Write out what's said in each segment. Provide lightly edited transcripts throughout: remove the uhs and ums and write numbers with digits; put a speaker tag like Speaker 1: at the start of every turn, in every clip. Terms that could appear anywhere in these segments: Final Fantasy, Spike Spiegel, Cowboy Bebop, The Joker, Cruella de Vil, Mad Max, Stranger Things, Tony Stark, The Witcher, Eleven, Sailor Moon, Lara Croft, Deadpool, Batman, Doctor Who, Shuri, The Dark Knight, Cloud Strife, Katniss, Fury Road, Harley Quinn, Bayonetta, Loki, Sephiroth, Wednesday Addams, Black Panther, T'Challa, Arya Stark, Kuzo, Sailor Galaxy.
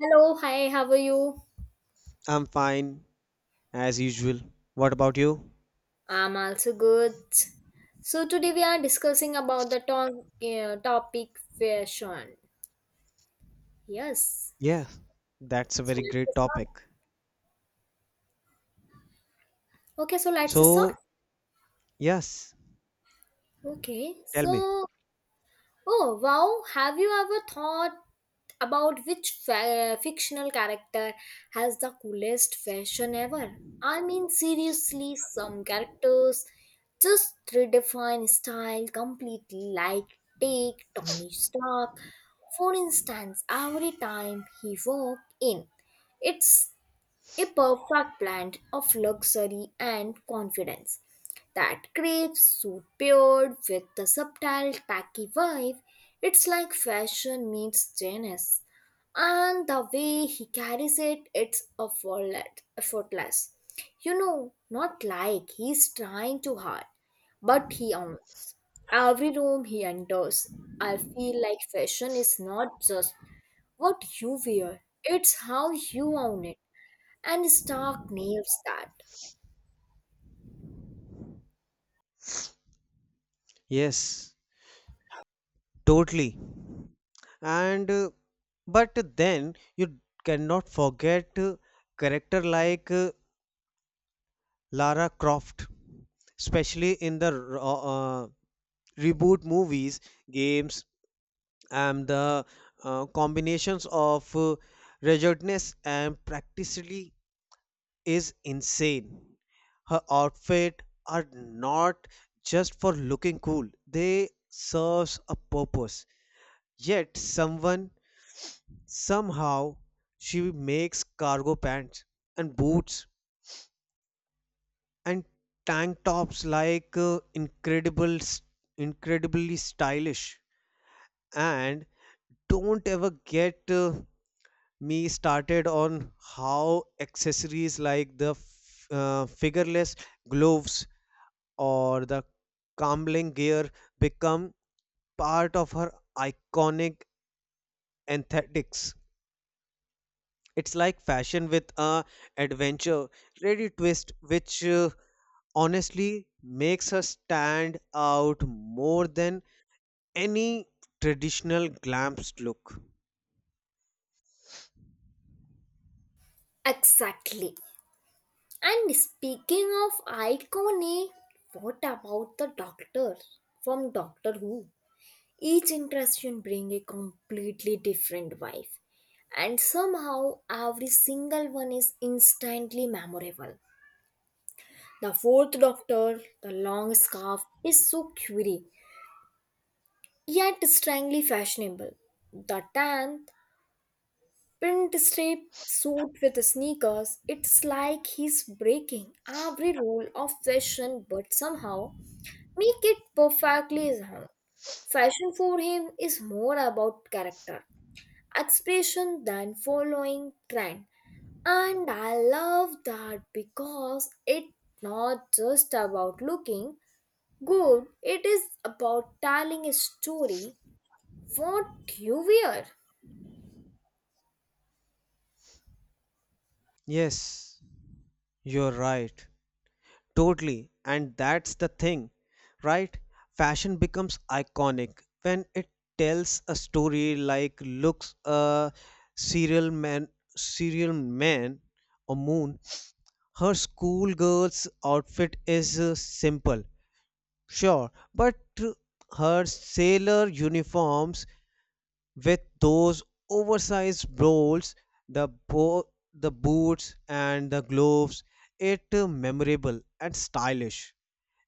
Speaker 1: Hello, hi, how are you?
Speaker 2: I'm fine, as usual. What about you?
Speaker 1: I'm also good. So today we are discussing about the topic fashion. Yes.
Speaker 2: Yeah, that's a
Speaker 1: So
Speaker 2: very great
Speaker 1: let's start.
Speaker 2: topic.
Speaker 1: Okay, so let's start.
Speaker 2: So, yes,
Speaker 1: Okay,
Speaker 2: tell me.
Speaker 1: so Oh, wow. Have you ever thought about which fictional character has the coolest fashion ever? I mean, seriously, some characters just redefine style completely, like take Tony Stark. For instance, every time he walked in, it's a perfect blend of luxury and confidence. That crepe suit paired with the subtle, tacky vibe, it's like fashion meets genius. And the way he carries it, it's effortless. You know, not like he's trying too hard, but he owns every room he enters. I feel like fashion is not just what you wear, it's how you own it. And Stark nails that.
Speaker 2: Yes, totally. And But then you cannot forget character like Lara Croft, especially in the uh, reboot movies, games, and the combinations of ruggedness and practically is insane. Her outfit are not just for looking cool. They serves a purpose. Yet someone somehow she makes cargo pants and boots and tank tops like incredible incredibly stylish and don't ever get me started on how accessories like the figureless gloves or the Kamling gear become part of her iconic aesthetics. It's like fashion with a adventure ready twist, which honestly makes her stand out more than any traditional glamped look.
Speaker 1: Exactly. And speaking of iconic, what about the Doctor from Doctor Who? Each interaction brings a completely different vibe. And somehow every single one is instantly memorable. The fourth Doctor, the long scarf, is so quirky, yet strangely fashionable. The tenth print strip suit with sneakers. It's like he's breaking every rule of fashion but somehow make it perfectly his own. Fashion for him is more about character, expression than following trend. And I love that because it's not just about looking good, it is about telling a story what you wear.
Speaker 2: Yes, you're right. Totally. And that's the thing, right? Fashion becomes iconic when it tells a story like looks a serial man serial man or moon. Her schoolgirl's outfit is simple, sure, but uh, her sailor uniforms with those oversized bowls, the the boots and the gloves, it memorable and stylish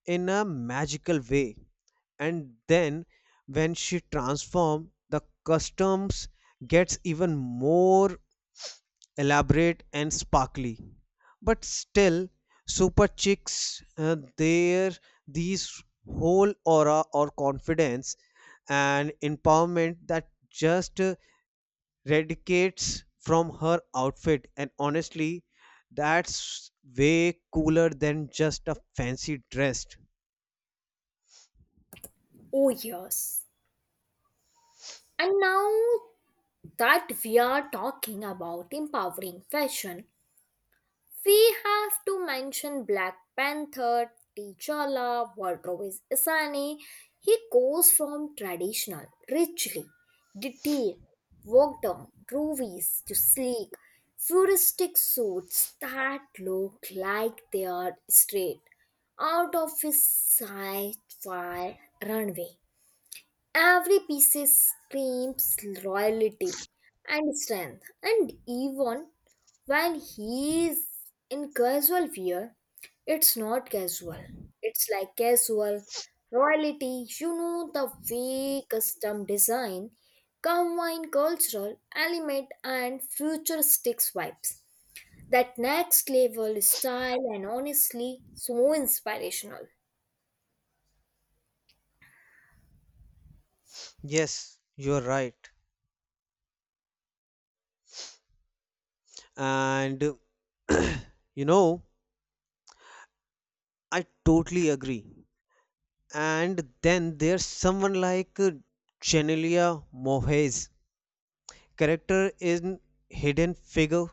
Speaker 2: in a magical way. And then when she transforms, the customs gets even more elaborate and sparkly, but still super chicks there these whole aura or confidence and empowerment that just radicates from her outfit. And honestly, that's way cooler than just a fancy dress.
Speaker 1: Oh, yes. And now that we are talking about empowering fashion, we have to mention Black Panther, T'Challa, Walter's Asani. He goes from traditional, richly detailed, worked on groovies to sleek, futuristic suits that look like they are straight out of his sci-fi runway. Every piece screams loyalty and strength, and even when he is in casual wear, it's not casual. It's like casual royalty. You know the way custom design combine cultural element and futuristic vibes. That next level style and honestly so inspirational.
Speaker 2: Yes, you're right. And you know, I totally agree. And then there's someone like Genelia Mohez. Character in hidden figure,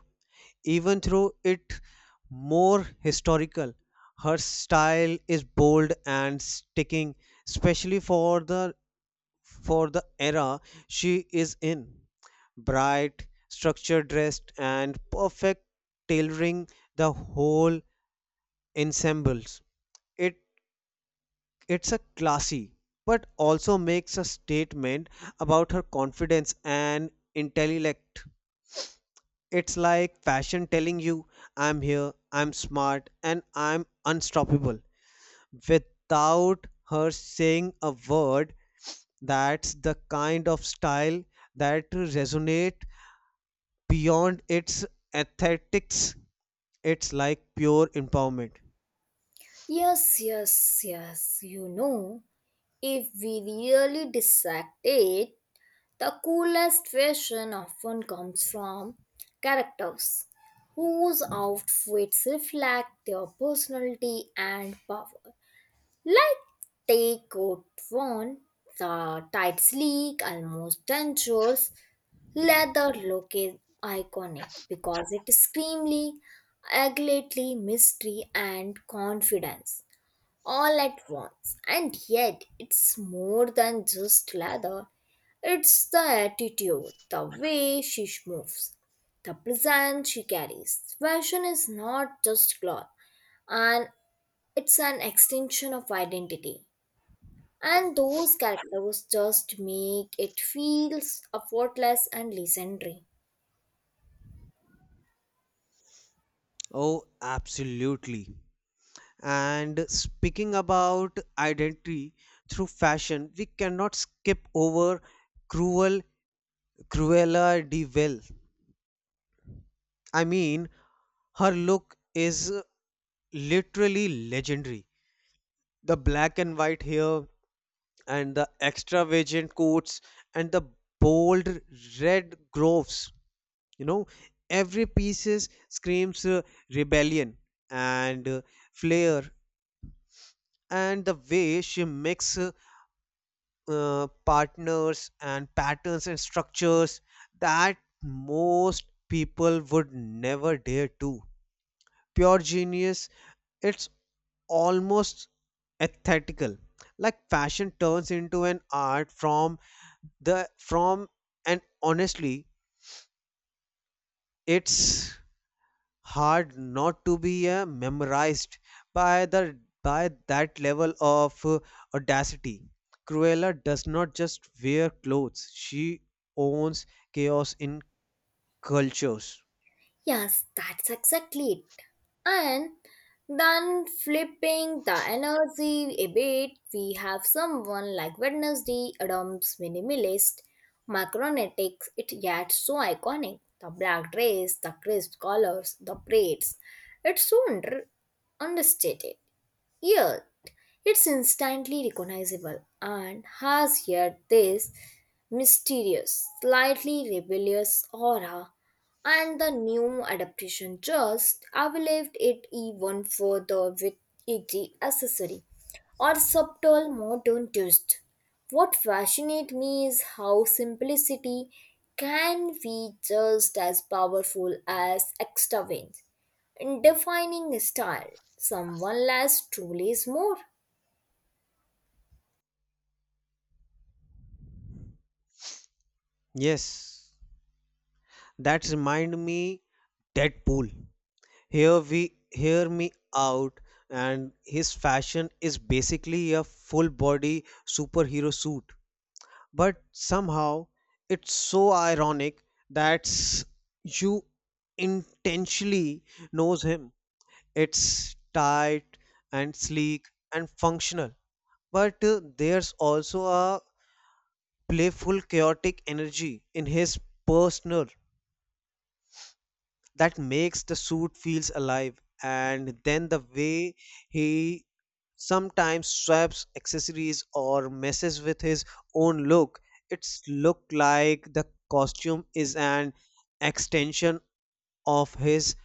Speaker 2: even though it more historical. Her style is bold and sticking, especially for the era she is in. Bright, structured dressed, and perfect tailoring the whole ensembles. It it's a classy, but also makes a statement about her confidence and intellect. It's like fashion telling you, I'm here, I'm smart, and I'm unstoppable without her saying a word. That's the kind of style that resonate beyond its aesthetics. It's like pure empowerment.
Speaker 1: Yes, yes, yes. You know. If we really dissect it, the coolest fashion often comes from characters whose outfits reflect their personality and power. Like take coat one, the tight sleek, almost dangerous leather look is iconic because it screams agility, mystery, and confidence all at once. And yet, it's more than just leather, it's the attitude, the way she moves, the presence she carries. Fashion is not just cloth, and it's an extension of identity. And those characters just make it feels effortless and legendary.
Speaker 2: Oh, absolutely. And speaking about identity through fashion, we cannot skip over cruel Cruella de Vil. I mean, her look is literally legendary. The black and white hair, and the extravagant coats and the bold red groves, you know, every pieces screams rebellion and flair. And the way she mixes partners and patterns and structures that most people would never dare to, pure genius. It's almost aesthetical, like fashion turns into an art form the from. And honestly, it's hard not to be memorized by the by that level of audacity. Cruella does not just wear clothes, she owns chaos in cultures.
Speaker 1: Yes, that's exactly it. And then flipping the energy a bit, we have someone like Wednesday Adams, minimalist, macronetics, it yet so iconic. The black dress, the crisp colors, the braids. It's so understated. Yet, it's instantly recognizable and has yet this mysterious, slightly rebellious aura, and the new adaptation just elevated it even further with edgy accessory or subtle modern twist. What fascinates me is how simplicity can be just as powerful as extravagance in defining style. Someone less truly is more.
Speaker 2: Yes, that remind me Deadpool. Here, we hear me out, and his fashion is basically a full body superhero suit. But somehow it's so ironic that s- you intentionally knows him. It's tight and sleek and functional, but there's also a playful, chaotic energy in his personal that makes the suit feels alive. And then the way he sometimes swaps accessories or messes with his own look, it's look like the costume is an extension of his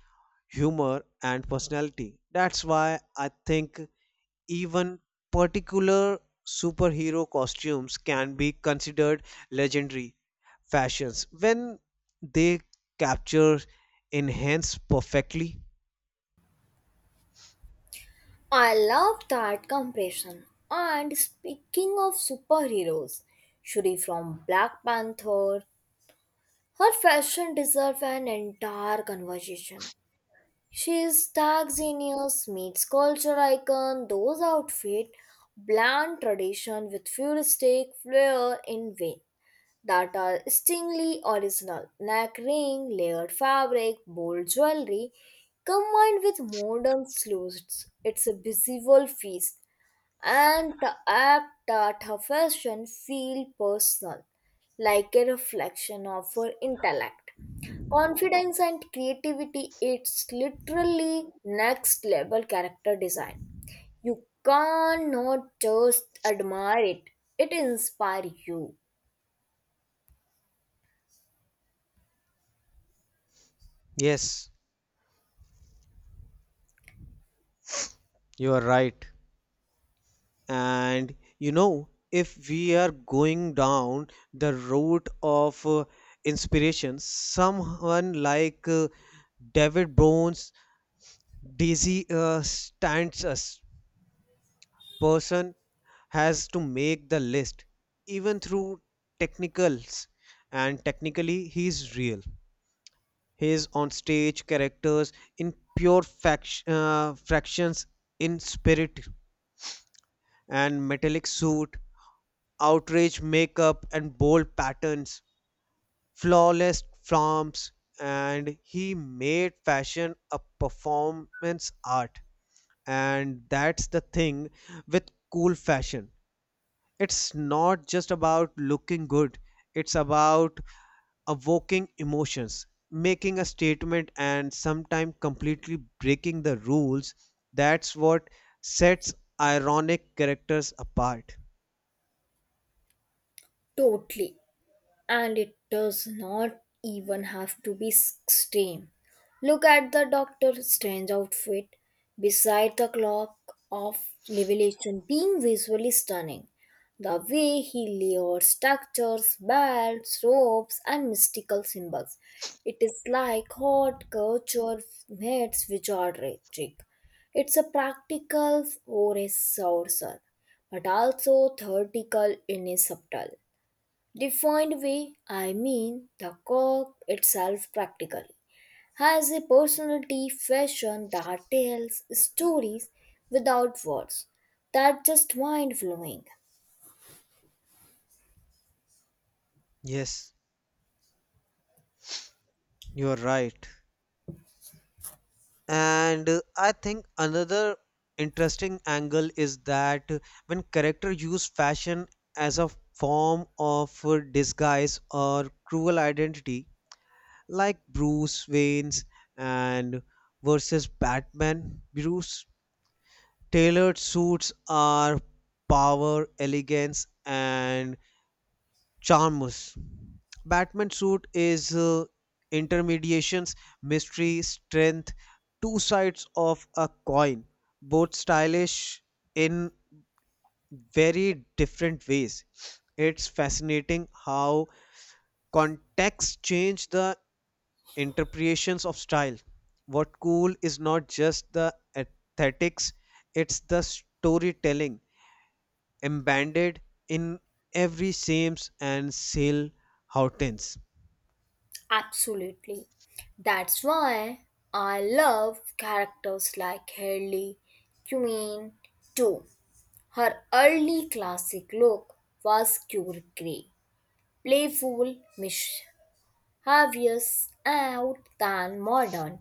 Speaker 2: humor and personality. That's why I think even particular superhero costumes can be considered legendary fashions when they capture enhance perfectly.
Speaker 1: I love that comparison. And speaking of superheroes, Shuri from Black Panther, her fashion deserves an entire conversation. She is tag genius, meets culture icon, those outfits blend tradition with futuristic flair in vain. That are stingly original. Neck ring, layered fabric, bold jewelry, combined with modern sleeves. It's a visual feast and the app that her fashion feel personal, like a reflection of her intellect. Confidence and creativity, it's literally next level character design. You can't just admire it, it inspires you
Speaker 2: Yes, you are right. And you know, if we are going down the route of inspiration, someone like David Bones, Daisy stands us person has to make the list. Even through technicals, and technically he's real, his on stage characters in pure fact, fractions in spirit and metallic suit, outrage makeup and bold patterns, flawless forms, and he made fashion a performance art. And that's the thing with cool fashion, it's not just about looking good, it's about evoking emotions, making a statement, and sometimes completely breaking the rules. That's what sets ironic characters apart.
Speaker 1: totally. And it does not even have to be extreme. Look at the Doctor's strange outfit beside the clock of revelation being visually stunning. The way he layers structures, belts, ropes, and mystical symbols. It is like hot culture meets wizardry trick. It's a practical or a sorcerer, but also theoretical in a subtle. Defined way, I mean the cork itself practically has a personality fashion that tells stories without words. That's just mind blowing.
Speaker 2: Yes, you're right. And I think another interesting angle is that when character use fashion as a form of disguise or cruel identity, like Bruce Wayne's and versus Batman. Bruce tailored suits are power, elegance, and charmous. Batman suit is intermediations, mystery, strength, two sides of a coin, both stylish in very different ways. It's fascinating how context change the interpretations of style. What cool is not just the aesthetics, it's the storytelling embedded in every Sames and Sale Hortense.
Speaker 1: Absolutely. That's why I love characters like Harley Quinn too. Her early classic look was cure gray, playful, mischievous. Harvey's out than modern.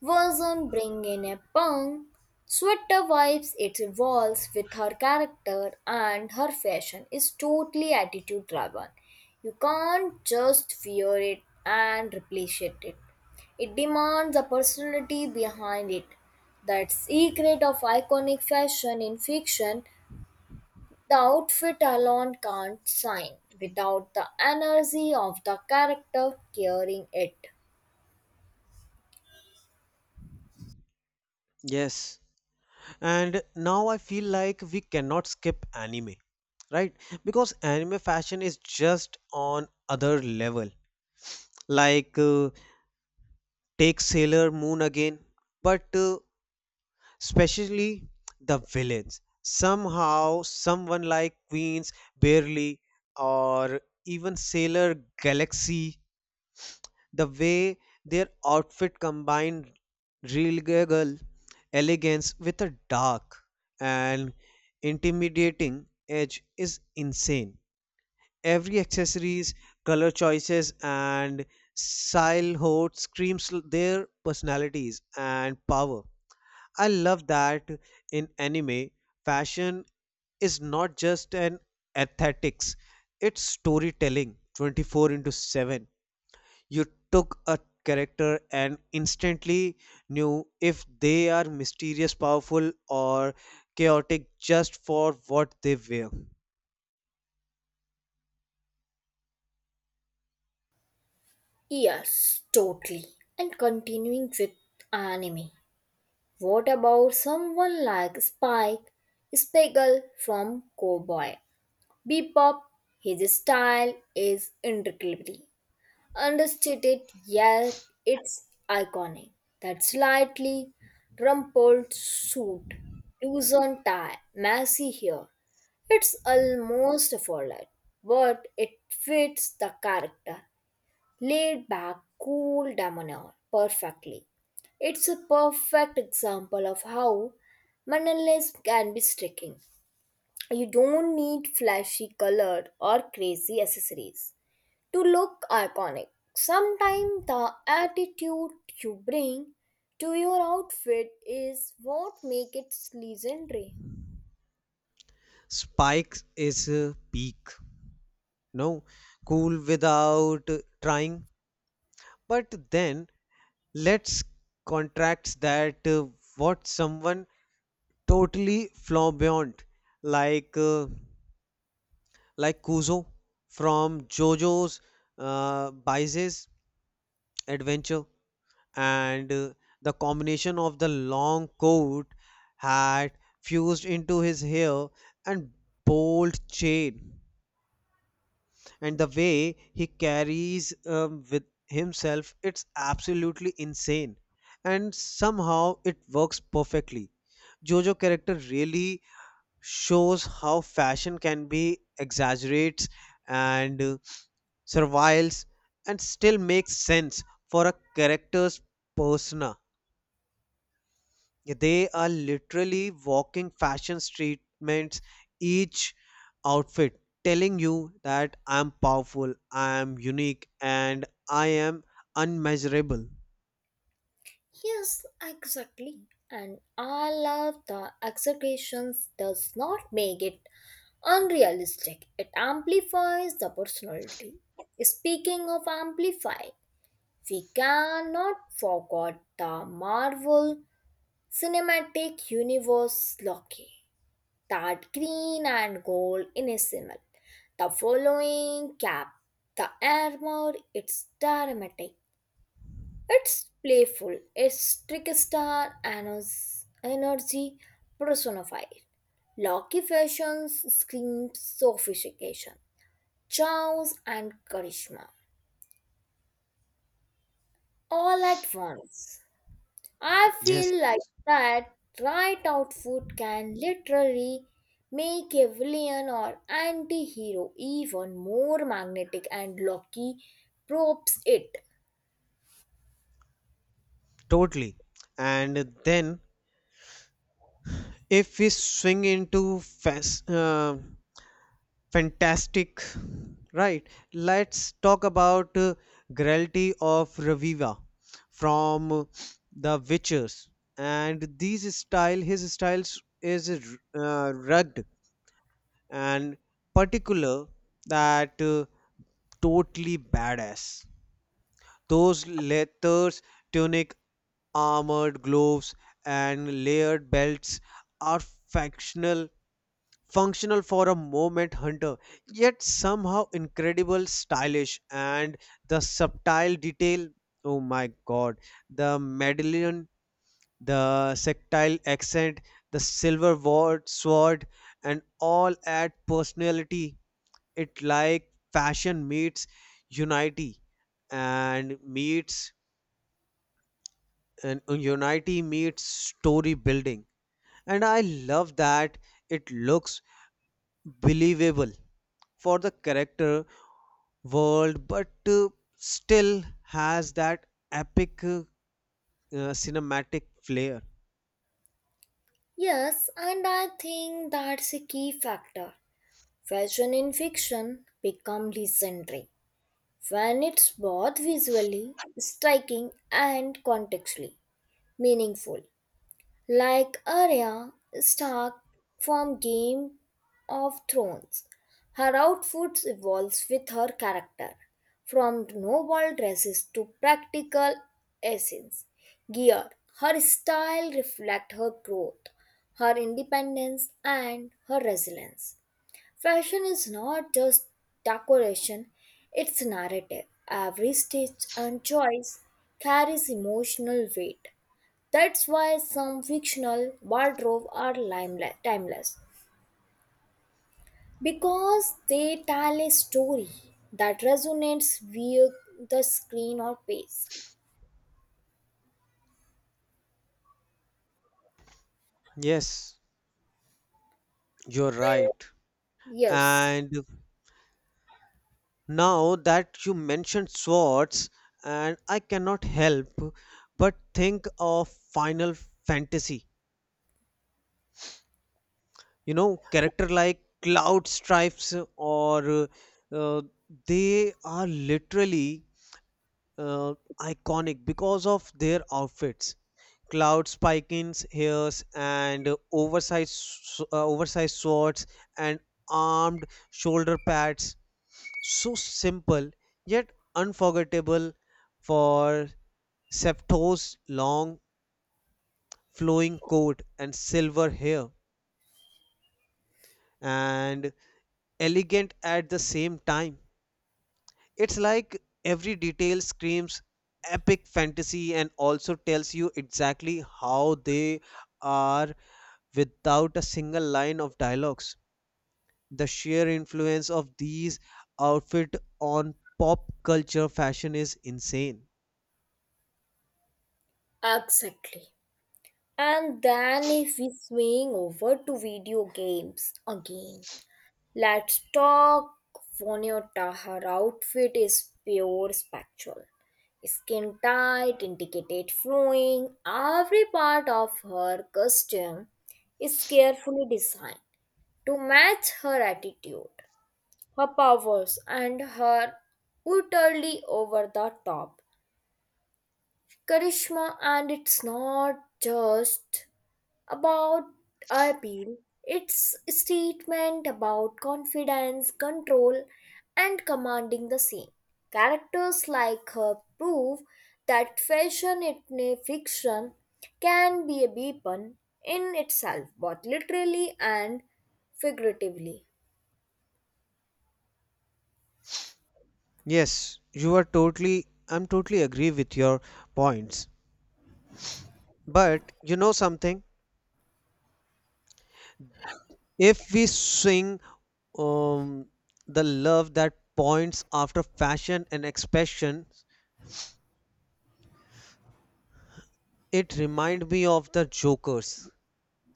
Speaker 1: Version bring in a punk, sweater vibes it evolves with her character and her fashion is totally attitude driven. You can't just wear it and replace it. It demands a personality behind it. That secret of iconic fashion in fiction the outfit alone can't shine without the energy of the character carrying it.
Speaker 2: Yes. And now I feel like we cannot skip anime, right? Because anime fashion is just on other level. Like take Sailor Moon again, but especially the villains. Somehow, someone like Queens, Barely, or even Sailor Galaxy, the way their outfit combined regal elegance with a dark and intimidating edge is insane. Every accessories, color choices, and style hot screams their personalities and power. I love that in anime, fashion is not just an aesthetics, it's storytelling 24 into 7. You took a character and instantly knew if they are mysterious, powerful, or chaotic just for what they wear.
Speaker 1: Yes, totally. And continuing with anime. What about someone like Spike Spiegel from Cowboy Bebop? His style is incredible, understated yet it's iconic. That slightly rumpled suit, loosened tie, messy hair. It's almost a fallout, but it fits the character. Laid back, cool demeanor perfectly. It's a perfect example of how minimalism can be striking. You don't need flashy color or crazy accessories to look iconic. Sometimes the attitude you bring to your outfit is what makes it legendary.
Speaker 2: Spikes is peak. No, cool without trying. But then let's contracts that what someone totally flamboyant like uh, like Kuzo from JoJo's Bizarre Adventure. And The combination of the long coat, hat fused into his hair, and bold chain, and the way he carries with himself, it's absolutely insane. And somehow it works perfectly. JoJo character really shows how fashion can be exaggerates and serviles and still makes sense for a character's persona. They are literally walking fashion statements, each outfit telling you that I'm powerful, I'm unique, and I am unmeasurable.
Speaker 1: Yes, exactly. And I love the expectations does not make it unrealistic. It amplifies the personality. Speaking of amplify, we cannot forget the Marvel Cinematic Universe Loki. That green and gold in a symbol. The following cap, the armor, it's dramatic, it's playful, it's trickster and it's energy personified. Loki fashions screams sophistication, charms and charisma, all at once. I
Speaker 2: Yes,
Speaker 1: feel like that right out food can literally make a villain or anti hero even more magnetic and Loki props it.
Speaker 2: totally. And then if we swing into Fantastic. Right. Let's talk about Gralty of Raviva from The Witchers. And these style, his styles is rugged and particular, that totally badass. Those leathers, tunic, armored gloves, and layered belts are factional functional for a moment hunter, yet somehow incredible stylish. And the subtle detail, oh my god, the medallion, the sectile accent, the sword, and all add personality. It like fashion meets unity and meets and unity meets story building. And I love that it looks believable for the character world, but still has that epic cinematic flair.
Speaker 1: Yes, and I think that's a key factor. Fashion in fiction become legendary when it's both visually striking and contextually meaningful. Like Arya Stark from Game of Thrones. Her outfits evolves with her character, from noble dresses to practical essence gear. Her style reflects her growth, her independence, and her resilience. Fashion is not just decoration; it's narrative. Every stitch and choice carries emotional weight. That's why some fictional wardrobe are timeless because they tell a story that resonates via the screen or page.
Speaker 2: Yes, you're
Speaker 1: And
Speaker 2: right.
Speaker 1: yes,
Speaker 2: And now that you mentioned swords, and I cannot help but think of Final Fantasy. You know, character like Cloud Stripes or uh, they are literally uh, iconic because of their outfits. Cloud spikins hairs and oversized swords and armed shoulder pads, so simple yet unforgettable. For Septo's long flowing coat and silver hair and elegant at the same time. It's like every detail screams epic fantasy and also tells you exactly how they are without a single line of dialogues. The sheer influence of these outfit on pop culture fashion is insane.
Speaker 1: exactly. And then if we swing over to video games again, let's talk Vonota. Her outfit is pure spectral. Skin tight, intricate flowing. Every part of her costume is carefully designed to match her attitude, her powers, and her utterly over the top charisma. And it's not just about appeal. It's a statement about confidence, control, and commanding the scene. Characters like her prove that fashion in a fiction can be a weapon in itself, both literally and figuratively.
Speaker 2: Yes, you are totally, I'm totally agree with your points. But you know something? If we swing um the love that points after fashion and expression, it remind me of the Jokers,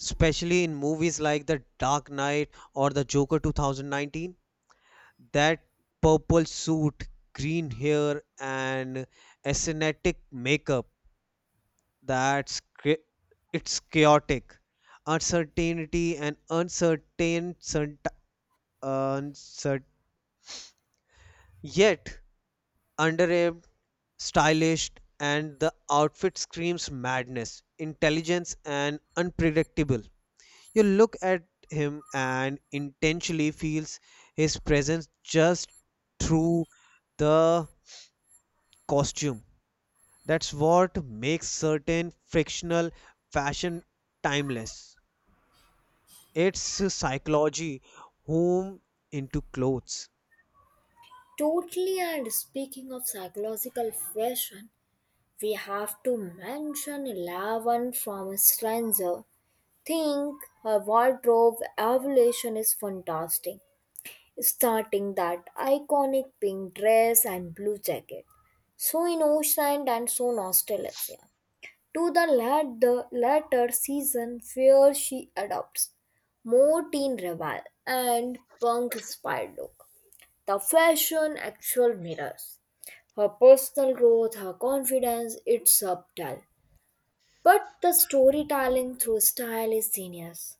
Speaker 2: especially in movies like The Dark Knight or The Joker 2019. That purple suit, green hair, and ascetic makeup, that's cha- it's chaotic. Uncertainty and uncertain, cert- uncert- Yet underarm, stylish, and the outfit screams madness, intelligence, and unpredictable. You look at him and intentionally feels his presence just through the costume. That's what makes certain frictional fashion timeless. It's psychology whom into clothes.
Speaker 1: Totally, and speaking of psychological fashion, we have to mention 11 from a stranger think her wardrobe evolution is fantastic, starting that iconic pink dress and blue jacket, so innocent and so nostalgia, to the latter season where she adopts more teen rebel and punk inspired look. The fashion actual mirrors. Her personal growth, her confidence, it's subtle. But the storytelling through style is genius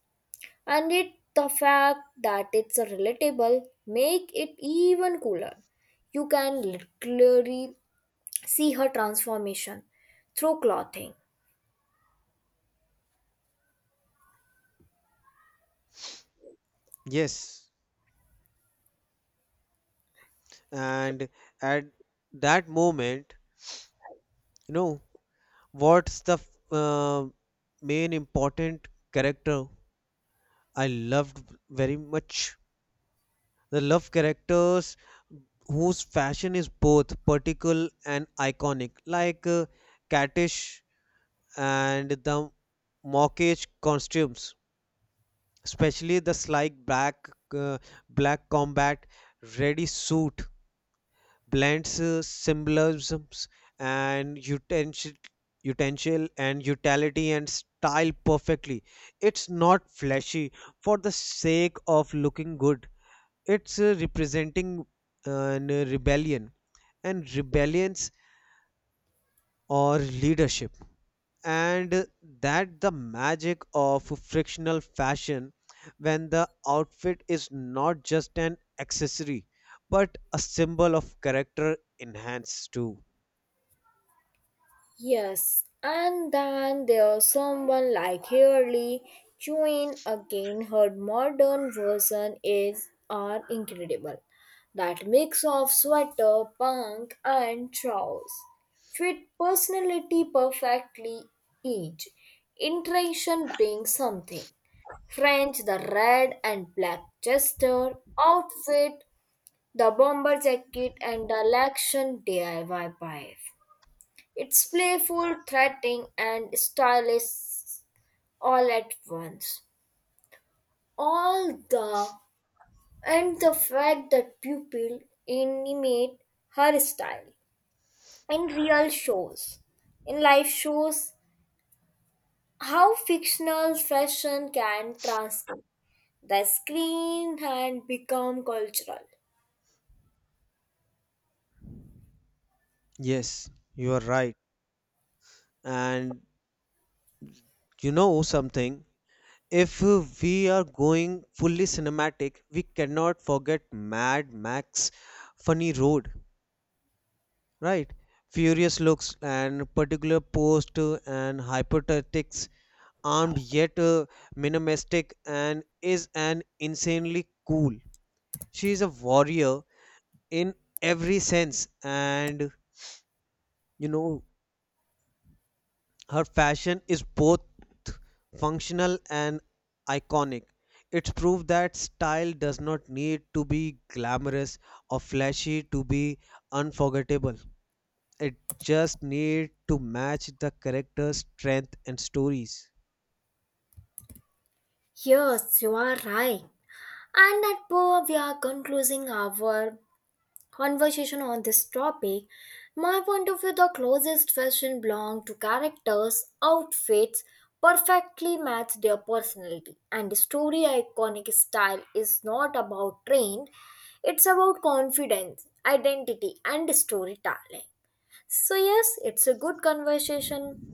Speaker 1: and it the fact that it's a relatable make it even cooler. You can literally see her transformation through clothing.
Speaker 2: Yes. And at that moment, you know, what's the uh, main important character I loved very much. The love characters whose fashion is both particular and iconic, like Katish and the mockish costumes, especially the slick uh, black combat ready suit blends symbolisms and utensil and utility and style perfectly. It's not flashy for the sake of looking good, it's representing uh, an rebellion and rebellions or leadership. And that the magic of frictional fashion, when the outfit is not just an accessory but a symbol of character enhanced too.
Speaker 1: Yes, and then there's someone like Hurley. Chewin again, her modern version is are incredible. That mix of sweater, punk, and trousers fit personality perfectly. Each iteration brings something. French, the red and black jester outfit, the bomber jacket, and the election DIY wife. It's playful, threatening, and stylish all at once. All the and the fact that pupil animate her style in real shows, in live shows, how fictional fashion can transcend the screen and become cultural.
Speaker 2: Yes, you are right. And you know something, if we are going fully cinematic, we cannot forget Mad Max Funny Road, right? Furious looks and particular post and hypertactics, armed yet minimalistic, and is an insanely cool. She is a warrior in every sense, and you know, her fashion is both functional and iconic. It's proof that style does not need to be glamorous or flashy to be unforgettable. It just need to match the characters' strength and stories.
Speaker 1: Yes, you are right. And at Poa, we are concluding our conversation on this topic, my point of view the closest fashion belong to characters, outfits perfectly match their personality and the story iconic style is not about trend, it's about confidence identity and storytelling. So yes, it's a good conversation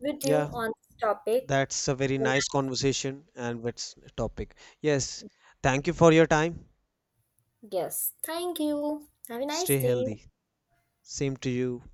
Speaker 1: with you
Speaker 2: Yeah,
Speaker 1: on this topic.
Speaker 2: that's a very nice conversation and what's topic. Yes, thank you for your time.
Speaker 1: Yes, thank you, have a nice
Speaker 2: Stay
Speaker 1: day.
Speaker 2: healthy. Same to you.